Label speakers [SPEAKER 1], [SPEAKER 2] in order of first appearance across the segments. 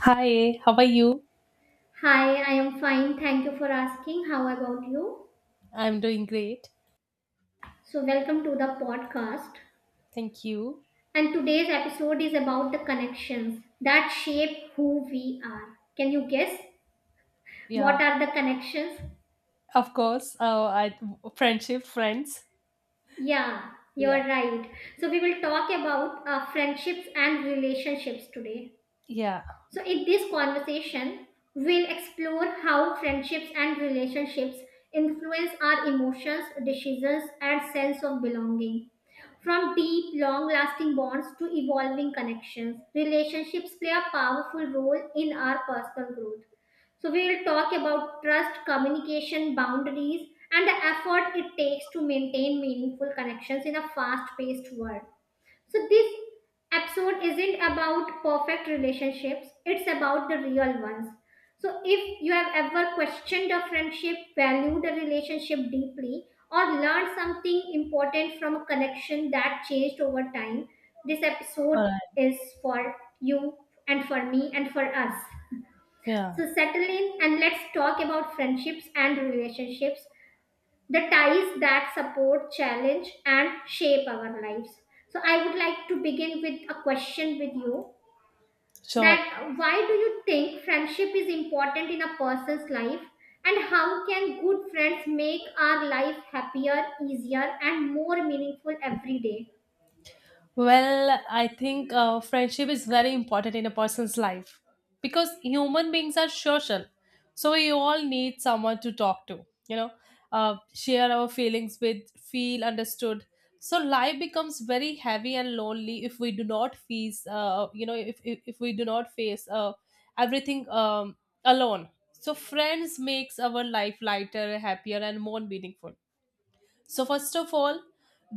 [SPEAKER 1] Hi, how are you?
[SPEAKER 2] Hi, I am fine. Thank you for asking. How about you?
[SPEAKER 1] I'm doing great.
[SPEAKER 2] Welcome to the podcast.
[SPEAKER 1] Thank you.
[SPEAKER 2] And today's episode is about the connections that shape who we are. Can you guess? What
[SPEAKER 1] Yeah,
[SPEAKER 2] are the connections?
[SPEAKER 1] of course. I friendship, friends.
[SPEAKER 2] Yeah, you're
[SPEAKER 1] Yeah,
[SPEAKER 2] right. So, we will talk about friendships and relationships today.
[SPEAKER 1] yeah.
[SPEAKER 2] So, in this conversation, we'll explore how friendships and relationships influence our emotions, decisions, and sense of belonging. From deep, long lasting bonds to evolving connections, relationships play a powerful role in our personal growth. So, we will talk about trust, communication, boundaries, and the effort it takes to maintain meaningful connections in a fast paced world. So this episode isn't about perfect relationships, it's about the real ones. So if you have ever questioned a friendship, valued a relationship deeply, or learned something important from a connection that changed over time, this episode
[SPEAKER 1] All right.
[SPEAKER 2] is for you and for me and for us.
[SPEAKER 1] Yeah,
[SPEAKER 2] So settle in and let's talk about friendships and relationships, the ties that support, challenge, and shape our lives. So, I would like to begin with a question with you,
[SPEAKER 1] sure.
[SPEAKER 2] that why do you think friendship is important in a person's life, and how can good friends make our life happier, easier, and more meaningful every day?
[SPEAKER 1] I think friendship is very important in a person's life because human beings are social. So we all need someone to talk to, share our feelings with, feel understood. So life becomes very heavy and lonely if we do not face, you know, if we do not face everything alone. So friends makes our life lighter, happier, and more meaningful. So, first of all,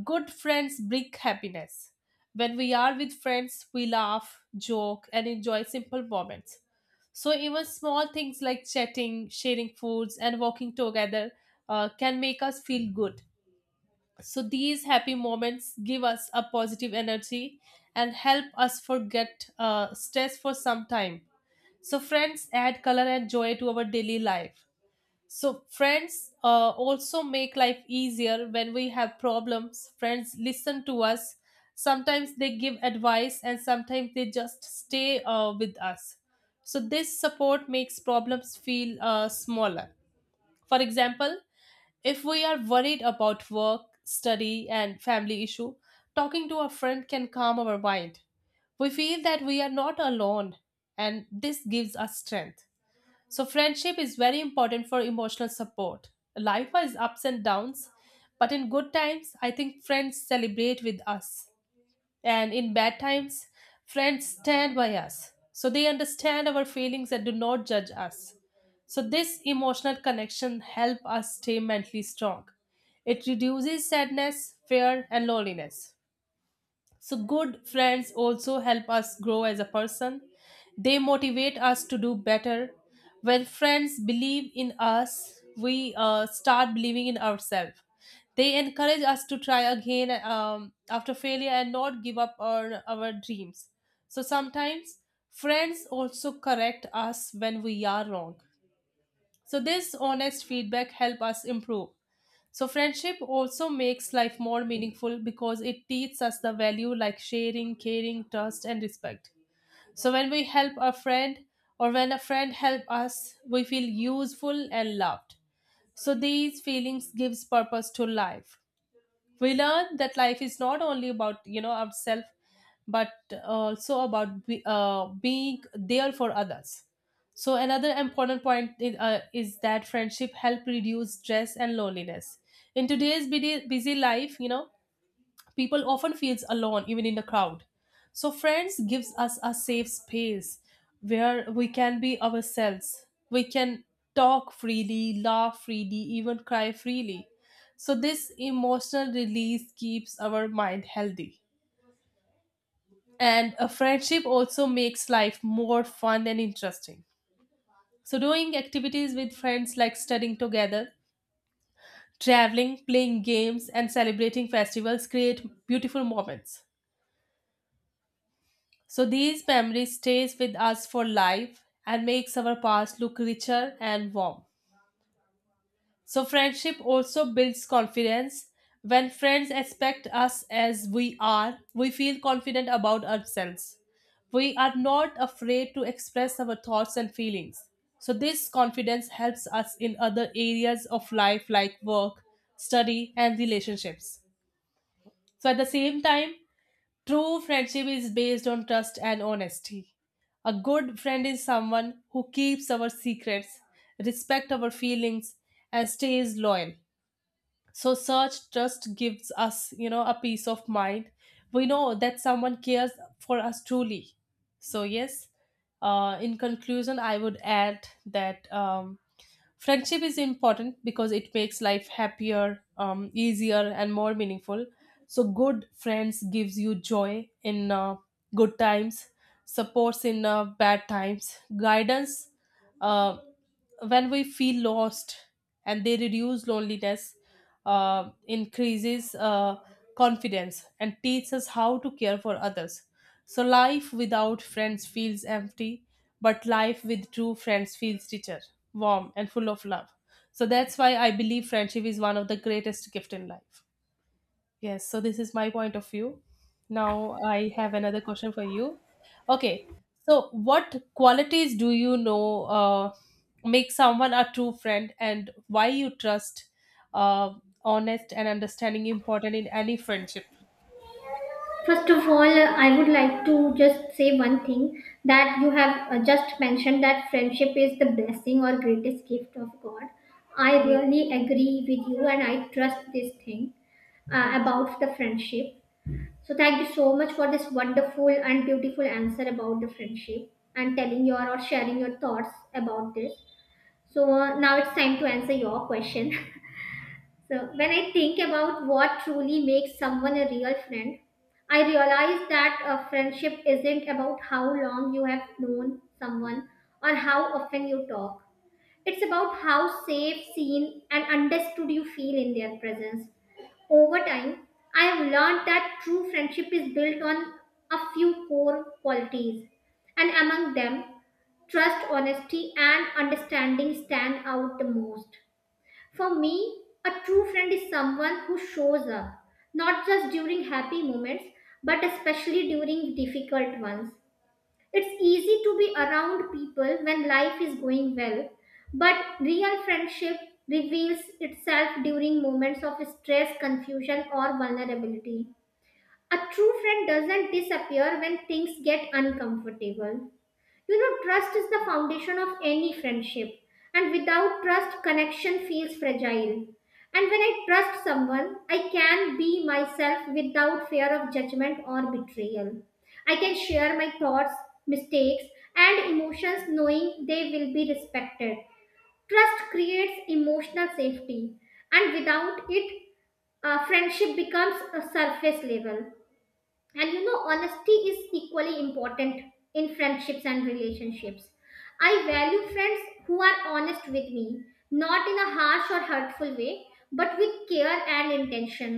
[SPEAKER 1] good friends bring happiness. When we are with friends, we laugh, joke, and enjoy simple moments. So, even small things like chatting, sharing foods, and walking together can make us feel good. So, these happy moments give us a positive energy and help us forget stress for some time. So, friends add color and joy to our daily life. So friends also make life easier. When we have problems, friends listen to us. Sometimes they give advice, and sometimes they just stay with us. So this support makes problems feel smaller. For example, if we are worried about work, study, and family issue, talking to a friend can calm our mind. We feel that we are not alone, and this gives us strength. So, friendship is very important for emotional support. Life has ups and downs, but in good times, I think friends celebrate with us. And in bad times, friends stand by us. So, they understand our feelings and do not judge us. So, this emotional connection helps us stay mentally strong. It reduces sadness, fear, and loneliness. So, good friends also help us grow as a person. They motivate us to do better. When friends believe in us, we start believing in ourselves. They encourage us to try again after failure and not give up on our dreams. So, sometimes friends also correct us when we are wrong. So this honest feedback help us improve. So friendship also makes life more meaningful because it teaches us the value like sharing, caring, trust, and respect. So when we help a friend, or when a friend help us, we feel useful and loved. So these feelings gives purpose to life. We learn that life is not only about, you know, ourselves, but also about being there for others. So another important point is that friendship help reduce stress and loneliness. In today's busy, busy life, you know, people often feels alone even in the crowd. So friends gives us a safe space where we can be ourselves. We can talk freely, laugh freely, even cry freely. So this emotional release keeps our mind healthy. And a friendship also makes life more fun and interesting. So doing activities with friends, like studying together, traveling, playing games, and celebrating festivals create beautiful moments. So these memories stays with us for life and makes our past look richer and warm. So friendship also builds confidence. When friends expect us as we are, we feel confident about ourselves. We are not afraid to express our thoughts and feelings. So this confidence helps us in other areas of life like work, study, and relationships. So at the same time, true friendship is based on trust and honesty. A good friend is someone who keeps our secrets, respects our feelings, and stays loyal. So search just gives us, you know, a peace of mind. We know that someone cares for us truly. So yes, in conclusion I would add that friendship is important because it makes life happier, easier, and more meaningful. So good friends gives you joy in good times, supports in bad times, guidance uh, when we feel lost, and they reduce loneliness, increases confidence, and teaches us how to care for others. So life without friends feels empty, but life with true friends feels richer, warm, and full of love. So that's why I believe friendship is one of the greatest gift in life. Yes, so this is my point of view. Now I have another question for you. Okay, so what qualities do you know make someone a true friend, and why you trust, uh, honest, and understanding important in any friendship?
[SPEAKER 2] First of all, I would like to just say one thing that you have just mentioned that friendship is the blessing or greatest gift of God. I
[SPEAKER 1] Yeah,
[SPEAKER 2] really agree with you and I trust this thing
[SPEAKER 1] thank you.
[SPEAKER 2] about the friendship. So, thank you so much for this wonderful and beautiful answer about the friendship and telling your or sharing your thoughts about this. So, now it's time to answer your question. So, when I think about what truly makes someone a real friend, I realize that a friendship isn't about how long you have known someone or how often you talk. It's about how safe, seen, and understood you feel in their presence. Over time, I have learned that true friendship is built on a few core qualities, and among them, trust, honesty, and understanding stand out the most. For me, a true friend is someone who shows up, not just during happy moments, but especially during difficult ones. It's easy to be around people when life is going well, but real friendship reveals itself during moments of stress, confusion, or vulnerability. A true friend doesn't disappear when things get uncomfortable. You know, trust is the foundation of any friendship, and without trust, connection feels fragile. And when I trust someone, I can be myself without fear of judgment or betrayal. I can share my thoughts, mistakes, and emotions knowing they will be respected. Trust creates emotional safety, and without it, friendship becomes a surface level. And you know, honesty is equally important in friendships and relationships. I value friends who are honest with me, not in a harsh or hurtful way, but with care and intention.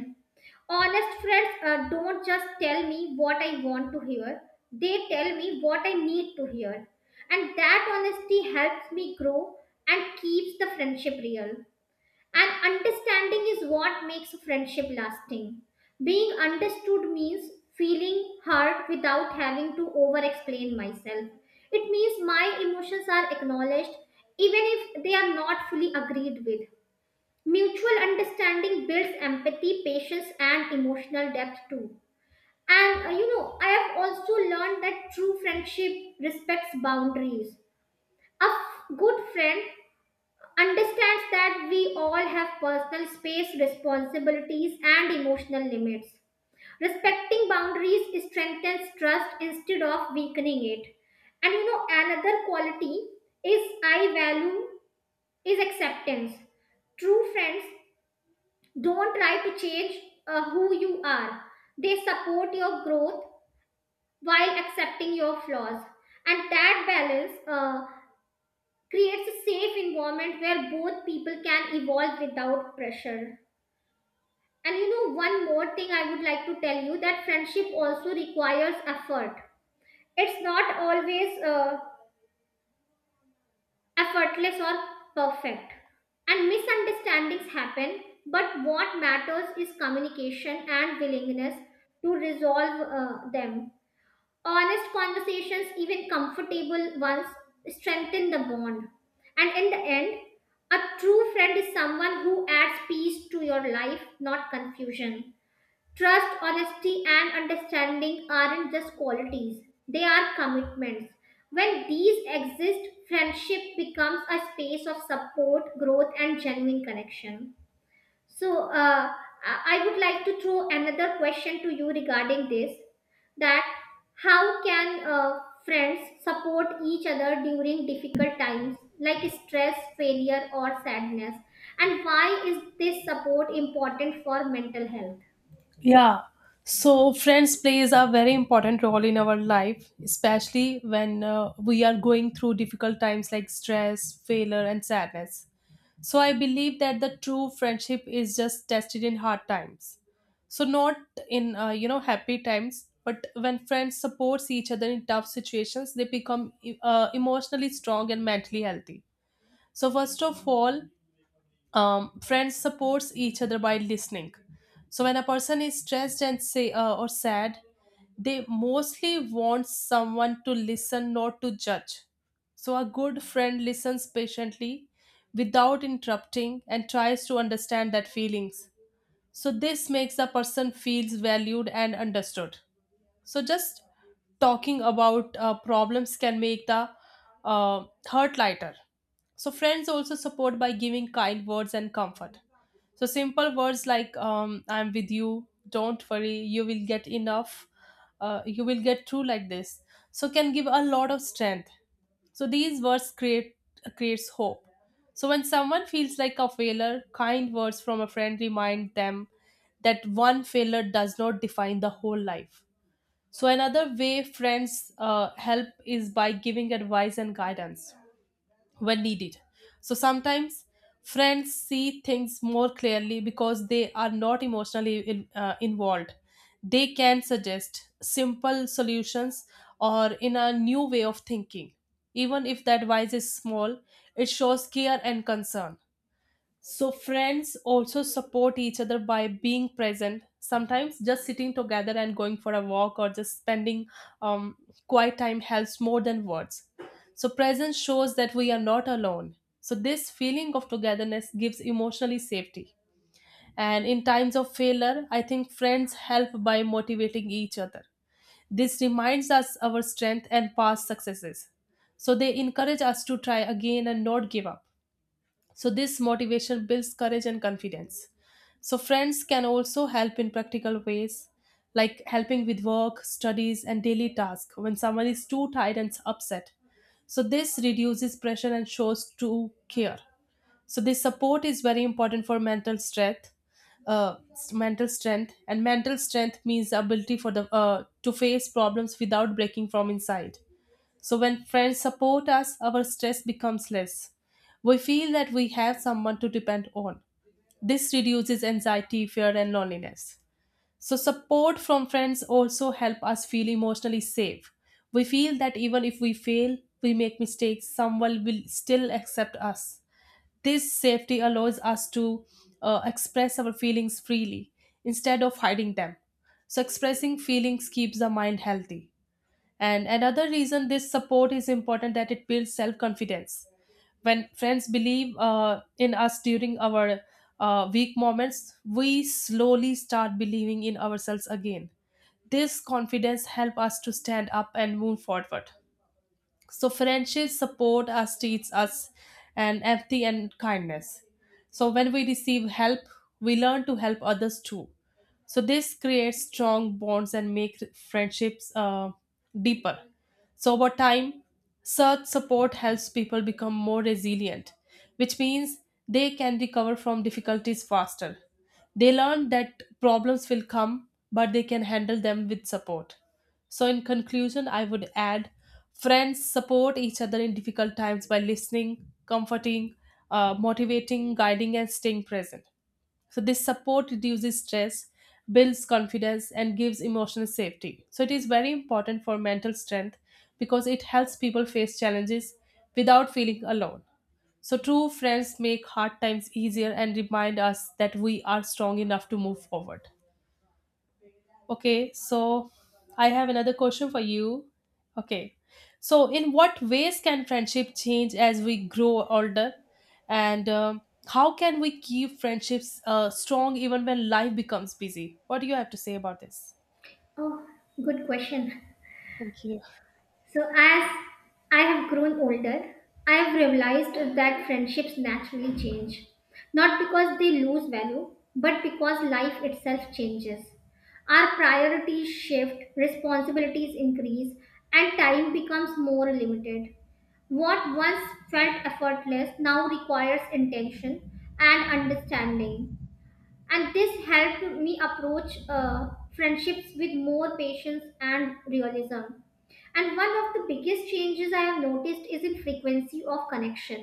[SPEAKER 2] Honest friends don't just tell me what I want to hear, they tell me what I need to hear, and that honesty helps me grow and keeps the friendship real. And understanding is what makes a friendship lasting. Being understood means feeling heard without having to over explain myself. It means my emotions are acknowledged even if they are not fully agreed with. Mutual understanding builds empathy, patience, and emotional depth too. And you know, I have also learned that true friendship respects boundaries. Good friend understands that we all have personal space, responsibilities, and emotional limits. Respecting boundaries strengthens trust instead of weakening it. And you know, another quality is I value is acceptance. True friends don't try to change who you are, they support your growth while accepting your flaws. And that balance creates a safe environment where both people can evolve without pressure. And you know, one more thing I would like to tell you that friendship also requires effort. It's not always effortless or perfect. And misunderstandings happen, but what matters is communication and willingness to resolve them. Honest conversations, even comfortable ones, strengthen the bond. And in the end, a true friend is someone who adds peace to your life, not confusion. Trust, honesty, and understanding aren't just qualities, they are commitments. When these exist, friendship becomes a space of support, growth, and genuine connection. So, I would like to throw another question to you regarding this, that how can friends support each other during difficult times like stress, failure, or sadness? And why is this support important for mental health?
[SPEAKER 1] Yeah. So friends plays a very important role in our life, especially when we are going through difficult times like stress, failure, and sadness. So I believe that the true friendship is just tested in hard times. So not in, you know, happy times, but when friends supports each other in tough situations, they become emotionally strong and mentally healthy. So first of all, friends supports each other by listening. So when a person is stressed and say or sad, they mostly want someone to listen, not to judge. So a good friend listens patiently without interrupting and tries to understand that feelings. So this makes a person feels valued and understood. So just talking about problems can make the hurt lighter. So friends also support by giving kind words and comfort. So simple words like "I'm with you," "Don't worry," "You will get enough," "You will get through," like this. So can give a lot of strength. So these words creates hope. So when someone feels like a failure, kind words from a friend remind them that one failure does not define the whole life. So, another way friends help is by giving advice and guidance when needed. So, sometimes friends see things more clearly because they are not emotionally involved. They can suggest simple solutions or in a new way of thinking. Even if the advice is small, it shows care and concern. So, friends also support each other by being present. Sometimes just sitting together and going for a walk or just spending um, quiet time helps more than words. So, presence shows that we are not alone. So, this feeling of togetherness gives emotionally safety. And in times of failure, I think friends help by motivating each other. This reminds us our strength and past successes. So, they encourage us to try again and not give up. So, this motivation builds courage and confidence. So, friends can also help in practical ways, like helping with work, studies, and daily tasks when someone is too tired and upset. So, this reduces pressure and shows true care. So, this support is very important for mental strength. Uh, mental strength and mental strength means ability for the to face problems without breaking from inside. So when friends support us, our stress becomes less. We feel that we have someone to depend on. This reduces anxiety, fear, and loneliness. So support from friends also help us feel emotionally safe. We feel that even if we fail, we make mistakes, someone will still accept us. This safety allows us to express our feelings freely instead of hiding them. So expressing feelings keeps the mind healthy. And another reason this support is important that it builds self confidence. When friends believe in us during our weak moments, we slowly start believing in ourselves again. This confidence helps us to stand up and move forward. So friendships support us, teach us, and empathy and kindness. So when we receive help, we learn to help others too. So this creates strong bonds and make friendships deeper. So over time, such support helps people become more resilient, which means they can recover from difficulties faster. They learn that problems will come, but they can handle them with support. So, in conclusion, I would add friends support each other in difficult times by listening, comforting, motivating, guiding, and staying present. So, this support reduces stress, builds confidence, and gives emotional safety. So, it is very important for mental strength because it helps people face challenges without feeling alone. So, true friends make hard times easier and remind us that we are strong enough to move forward. Okay, so I have another question for you. Okay, so in what ways can friendship change as we grow older, and how can we keep friendships strong even when life becomes busy? What do you have to say about this?
[SPEAKER 2] Oh, good question.
[SPEAKER 1] Thank you.
[SPEAKER 2] So, as I have grown older, I have realized that friendships naturally change. Not because they lose value, but because life itself changes. Our priorities shift, responsibilities increase, and time becomes more limited. What once felt effortless now requires intention and understanding, and this helped me approach friendships with more patience and realism. And one of the biggest changes I have noticed is in frequency of connection.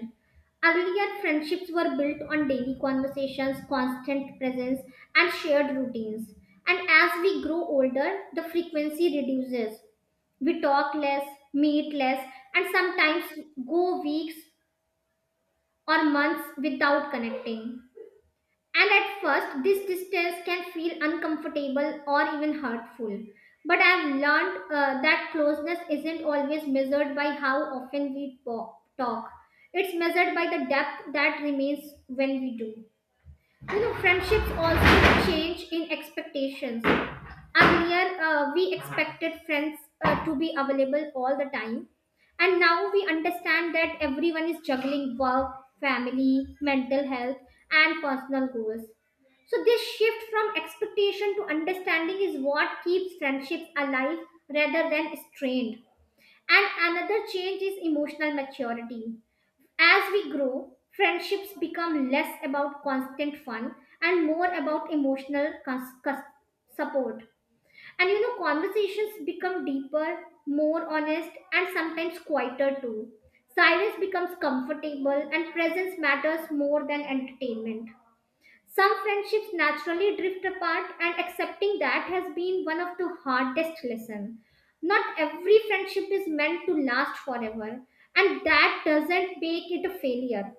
[SPEAKER 2] Earlier, friendships were built on daily conversations, constant presence, and shared routines. And as we grow older, the frequency reduces. We talk less, meet less, and sometimes go weeks or months without connecting. And at first, this distance can feel uncomfortable or even hurtful. But I've learned that closeness isn't always measured by how often talk, it's measured by the depth that remains when we do. You know, friendships also change in expectations. Earlier we expected friends to be available all the time, and now we understand that everyone is juggling work, family, mental health, and personal goals. So this shift from expectation to understanding is what keeps friendships alive rather than strained. And another change is emotional maturity. As we grow, friendships become less about constant fun and more about emotional support. And you know, conversations become deeper, more honest, and sometimes quieter too. Silence becomes comfortable, and presence matters more than entertainment. Some friendships naturally drift apart, and accepting that has been one of the hardest lessons. Not every friendship is meant to last forever, and that doesn't make it a failure.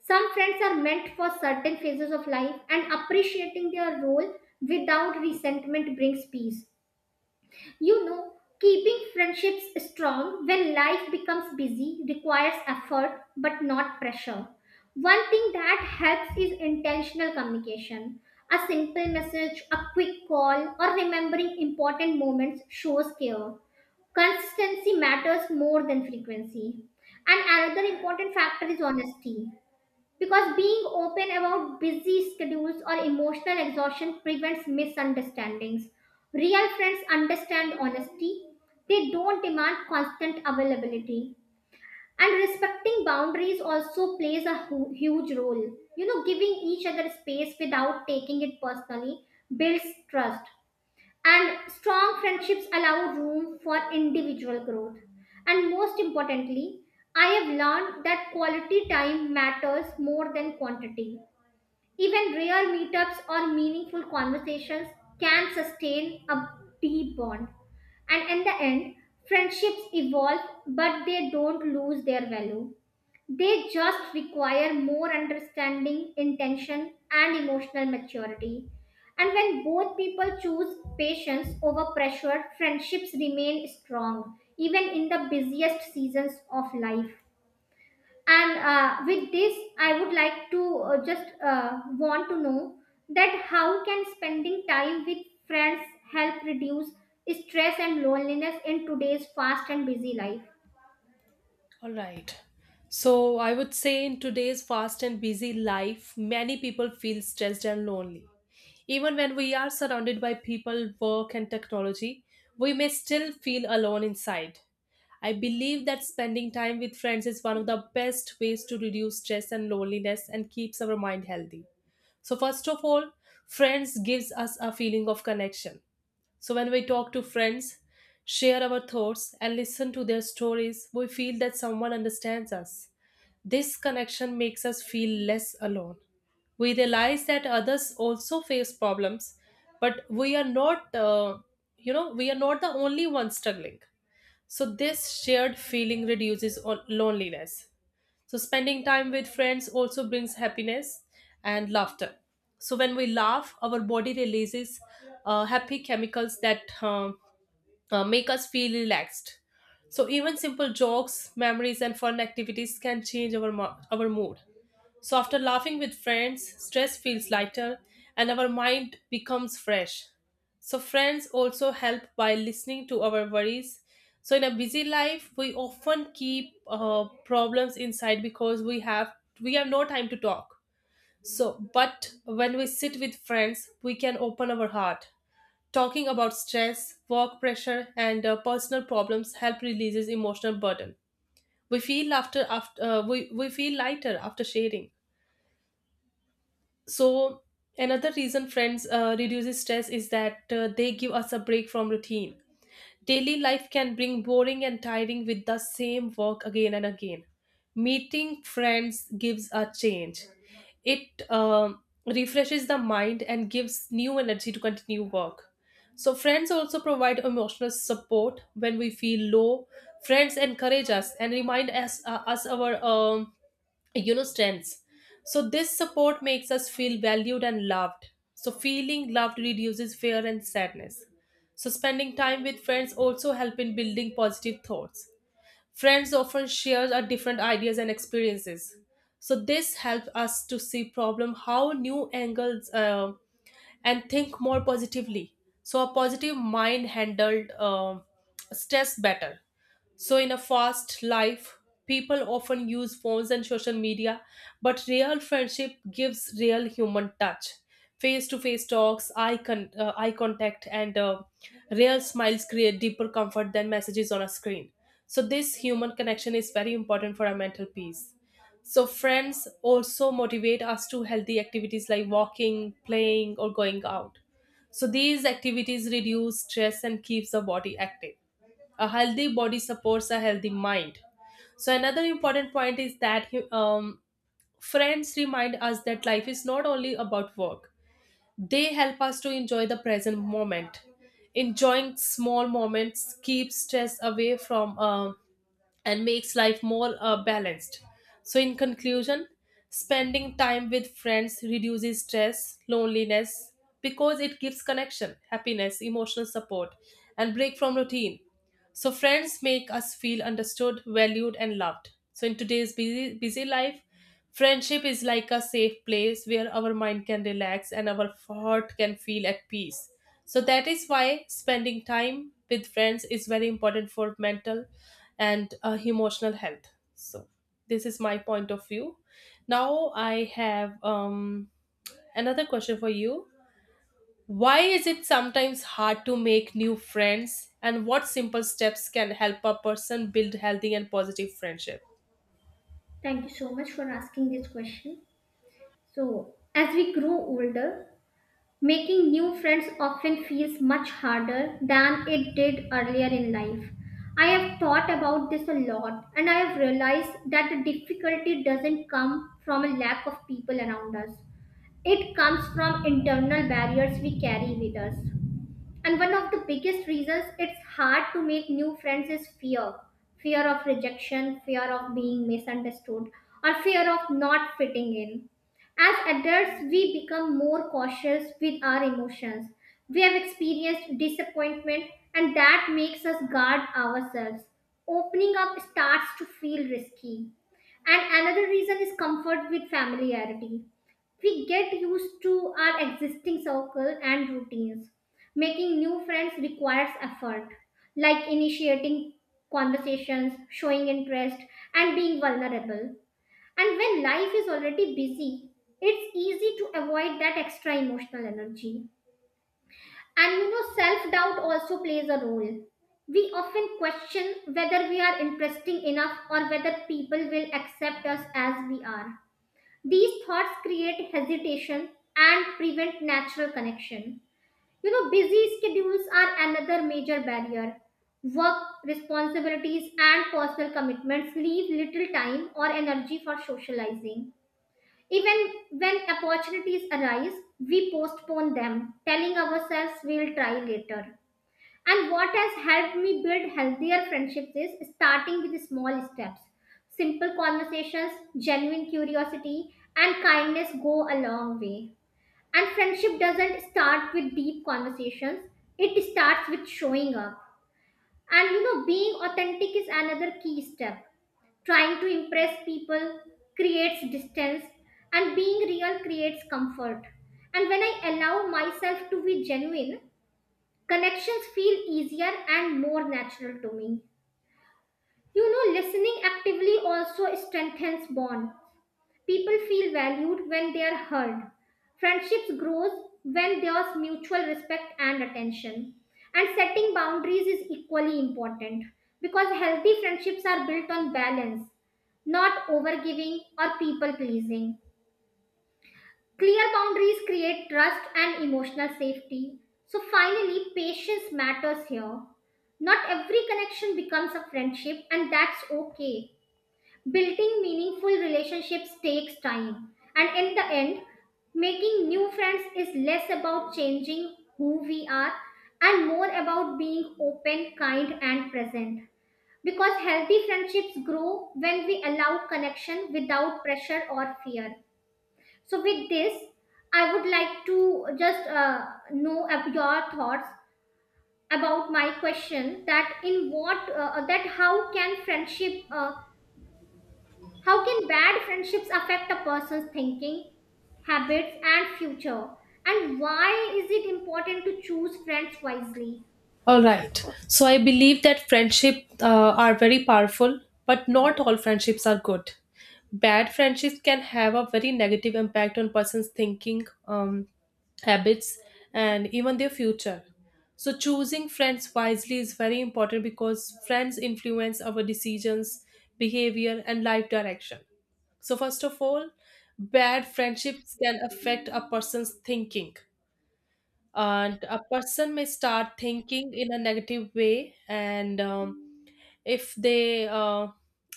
[SPEAKER 2] Some friends are meant for certain phases of life, and appreciating their role without resentment brings peace. You know, keeping friendships strong when life becomes busy requires effort but not pressure. One thing that helps is intentional communication. A simple message, a quick call, or remembering important moments shows care. Consistency matters more than frequency. And another important factor is honesty. Because being open about busy schedules or emotional exhaustion prevents misunderstandings. Real friends understand honesty, they don't demand constant availability. And respecting boundaries also plays a huge role. You know, giving each other space without taking it personally builds trust. And strong friendships allow room for individual growth. And most importantly, I have learned that quality time matters more than quantity. Even rare meetups or meaningful conversations can sustain a deep bond. And in the end, friendships evolve, but they don't lose their value. They just require more understanding, intention, and emotional maturity. And when both people choose patience over pressure, friendships remain strong, even in the busiest seasons of life. And with this, I would like to just want to know that how can spending time with friends help reduce stress and loneliness in today's fast and busy life?
[SPEAKER 1] All right. So, I would say in today's fast and busy life, many people feel stressed and lonely. Even when we are surrounded by people, work, and technology, we may still feel alone inside. I believe that spending time with friends is one of the best ways to reduce stress and loneliness and keeps our mind healthy. So first of all, friends gives us a feeling of connection. So when we talk to friends, share our thoughts, and listen to their stories, we feel that someone understands us. This connection makes us feel less alone. We realize that others also face problems, but we are not the only ones struggling. So this shared feeling reduces loneliness. So, spending time with friends also brings happiness and laughter. So, when we laugh, our body releases happy chemicals that make us feel relaxed. So, even simple jokes, memories, and fun activities can change our mood. So, after laughing with friends, stress feels lighter and our mind becomes fresh. So, friends also help by listening to our worries. So, in a busy life, we often keep problems inside because we have no time to talk. But when we sit with friends, we can open our heart. Talking about stress, work pressure, and personal problems help releases emotional burden. We feel lighter after sharing. So another reason friends reduces stress is that they give us a break from routine. Daily life can bring boring and tiring with the same work again and again. Meeting friends gives a change. It refreshes the mind and gives new energy to continue work. So friends also provide emotional support when we feel low. Friends encourage us and remind us our strengths. So this support makes us feel valued and loved. So feeling loved reduces fear and sadness. So spending time with friends also help in building positive thoughts. Friends often share our different ideas and experiences. So this helps us to see problem how new angles and think more positively. So a positive mind handled stress better. So, in a fast life, people often use phones and social media, but real friendship gives real human touch. Face to face talks, eye contact, and real smiles create deeper comfort than messages on a screen. So, this human connection is very important for our mental peace. So, friends also motivate us to healthy activities like walking, playing, or going out. So, these activities reduce stress and keeps the body active. A healthy body supports a healthy mind. So another important point is that friends remind us that life is not only about work. They help us to enjoy the present moment. Enjoying small moments keeps stress away from and makes life more balanced. So in conclusion, spending time with friends reduces stress loneliness because it gives connection happiness emotional support and break from routine. So friends make us feel understood, valued, and loved. So in today's busy life, friendship is like a safe place where our mind can relax and our heart can feel at peace. So that is why spending time with friends is very important for mental and emotional health. So this is my point of view. Now I have another question for you. Why is it sometimes hard to make new friends, and what simple steps can help a person build healthy and positive friendship?
[SPEAKER 2] Thank you so much for asking this question. So, as we grow older, making new friends often feels much harder than it did earlier in life. I have thought about this a lot and I have realized that the difficulty doesn't come from a lack of people around us. It comes from internal barriers we carry with us. And one of the biggest reasons it's hard to make new friends is fear, fear of rejection, fear of being misunderstood, or fear of not fitting in. As adults, we become more cautious with our emotions. We have experienced disappointment, and that makes us guard ourselves. Opening up starts to feel risky. And another reason is comfort with familiarity. We get used to our existing circle and routines. Making new friends requires effort, like initiating conversations, showing interest, and being vulnerable. And when life is already busy, it's easy to avoid that extra emotional energy. And you know, self doubt also plays a role. We often question whether we are interesting enough or whether people will accept us as we are. These thoughts create hesitation and prevent natural connection. You know, busy schedules are another major barrier. Work responsibilities and personal commitments leave little time or energy for socializing. Even when opportunities arise, we postpone them, telling ourselves we'll try later. And what has helped me build healthier friendships is starting with small steps. Simple conversations, genuine curiosity, and kindness go a long way. And friendship doesn't start with deep conversations, it starts with showing up. And you know, being authentic is another key step. Trying to impress people creates distance, and being real creates comfort. And when I allow myself to be genuine, connections feel easier and more natural to me. You know, listening actively also strengthens bond. People feel valued when they are heard. Friendships grows when there's mutual respect and attention. And setting boundaries is equally important because healthy friendships are built on balance, not overgiving or people pleasing. Clear boundaries create trust and emotional safety. So finally, patience matters here. Not every connection becomes a friendship and that's okay. Building meaningful relationships takes time, and in the end, making new friends is less about changing who we are and more about being open, kind, and present. Because healthy friendships grow when we allow connection without pressure or fear. So, with this, I would like to just know your thoughts about my question that in what that how can bad friendships affect a person's thinking, habits, and future? And why is it important to choose friends wisely?
[SPEAKER 1] All right. So I believe that friendship are very powerful, but not all friendships are good. Bad friendships can have a very negative impact on person's thinking, habits, and even their future. So choosing friends wisely is very important because friends influence our decisions, behavior, and life direction. So first of all, bad friendships can affect a person's thinking and a person may start thinking in a negative way, and if they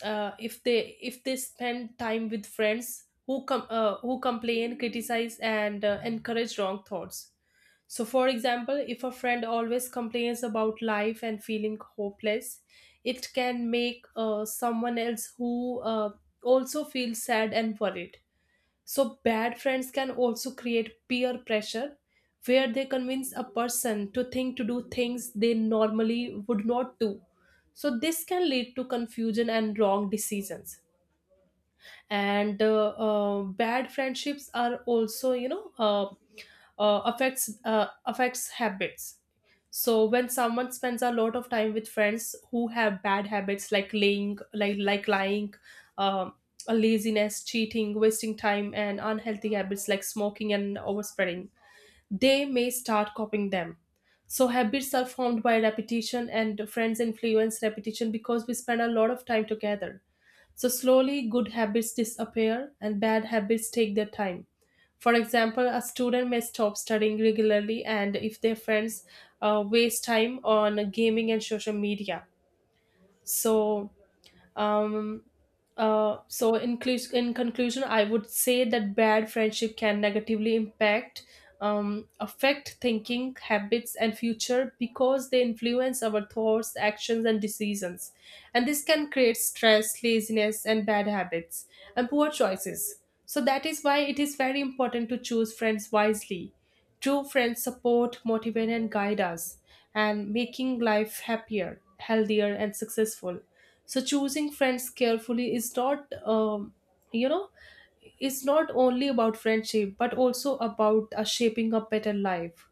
[SPEAKER 1] if they if they spend time with friends who who complain criticize and encourage wrong thoughts. So for example, if a friend always complains about life and feeling hopeless, it can make someone else who also feels sad and worried. So, bad friends can also create peer pressure where they convince a person to think to do things they normally would not do. So, this can lead to confusion and wrong decisions. And bad friendships are also, you know, affects habits. So when someone spends a lot of time with friends who have bad habits like lying, like lying, um, a laziness, cheating, wasting time, and unhealthy habits like smoking and overspreading, they may start copying them. So habits are formed by repetition, and friends influence repetition because we spend a lot of time together. So, slowly, good habits disappear and bad habits take their time. For example, a student may stop studying regularly, and if their friends waste time on gaming and social media. So, um, so in, in conclusion I would say that bad friendship can negatively impact affect thinking habits and future because they influence our thoughts actions and decisions, and this can create stress laziness and bad habits and poor choices. So that is why it is very important to choose friends wisely. True friends support, motivate, and guide us, and making life happier, healthier, and successful. So choosing friends carefully is not, you know, it's not only about friendship but also about shaping a better life.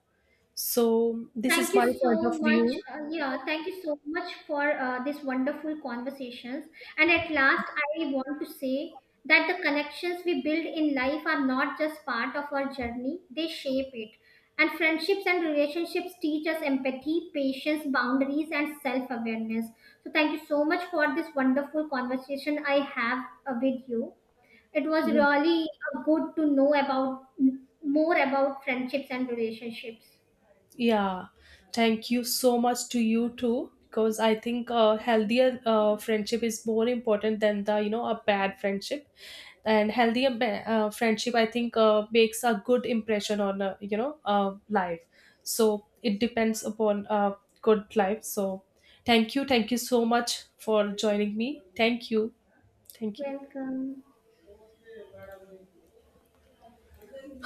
[SPEAKER 1] So this
[SPEAKER 2] Thank
[SPEAKER 1] is
[SPEAKER 2] you
[SPEAKER 1] my point
[SPEAKER 2] so
[SPEAKER 1] of
[SPEAKER 2] much.
[SPEAKER 1] view.
[SPEAKER 2] Yeah, thank you so much for this wonderful conversations. And at last, I want to say that the connections we build in life are not just part of our journey; they shape it. And friendships and relationships teach us empathy, patience, boundaries, and self-awareness. So, thank you so much for this wonderful conversation I have with you. It was really good to know about more about friendships and relationships.
[SPEAKER 1] Yeah, thank you so much to you too, because I think a healthier friendship is more important than the a bad friendship, and healthier friendship I think makes a good impression on life. So it depends upon a good life. So thank you so much for joining me. Thank you.
[SPEAKER 2] Welcome.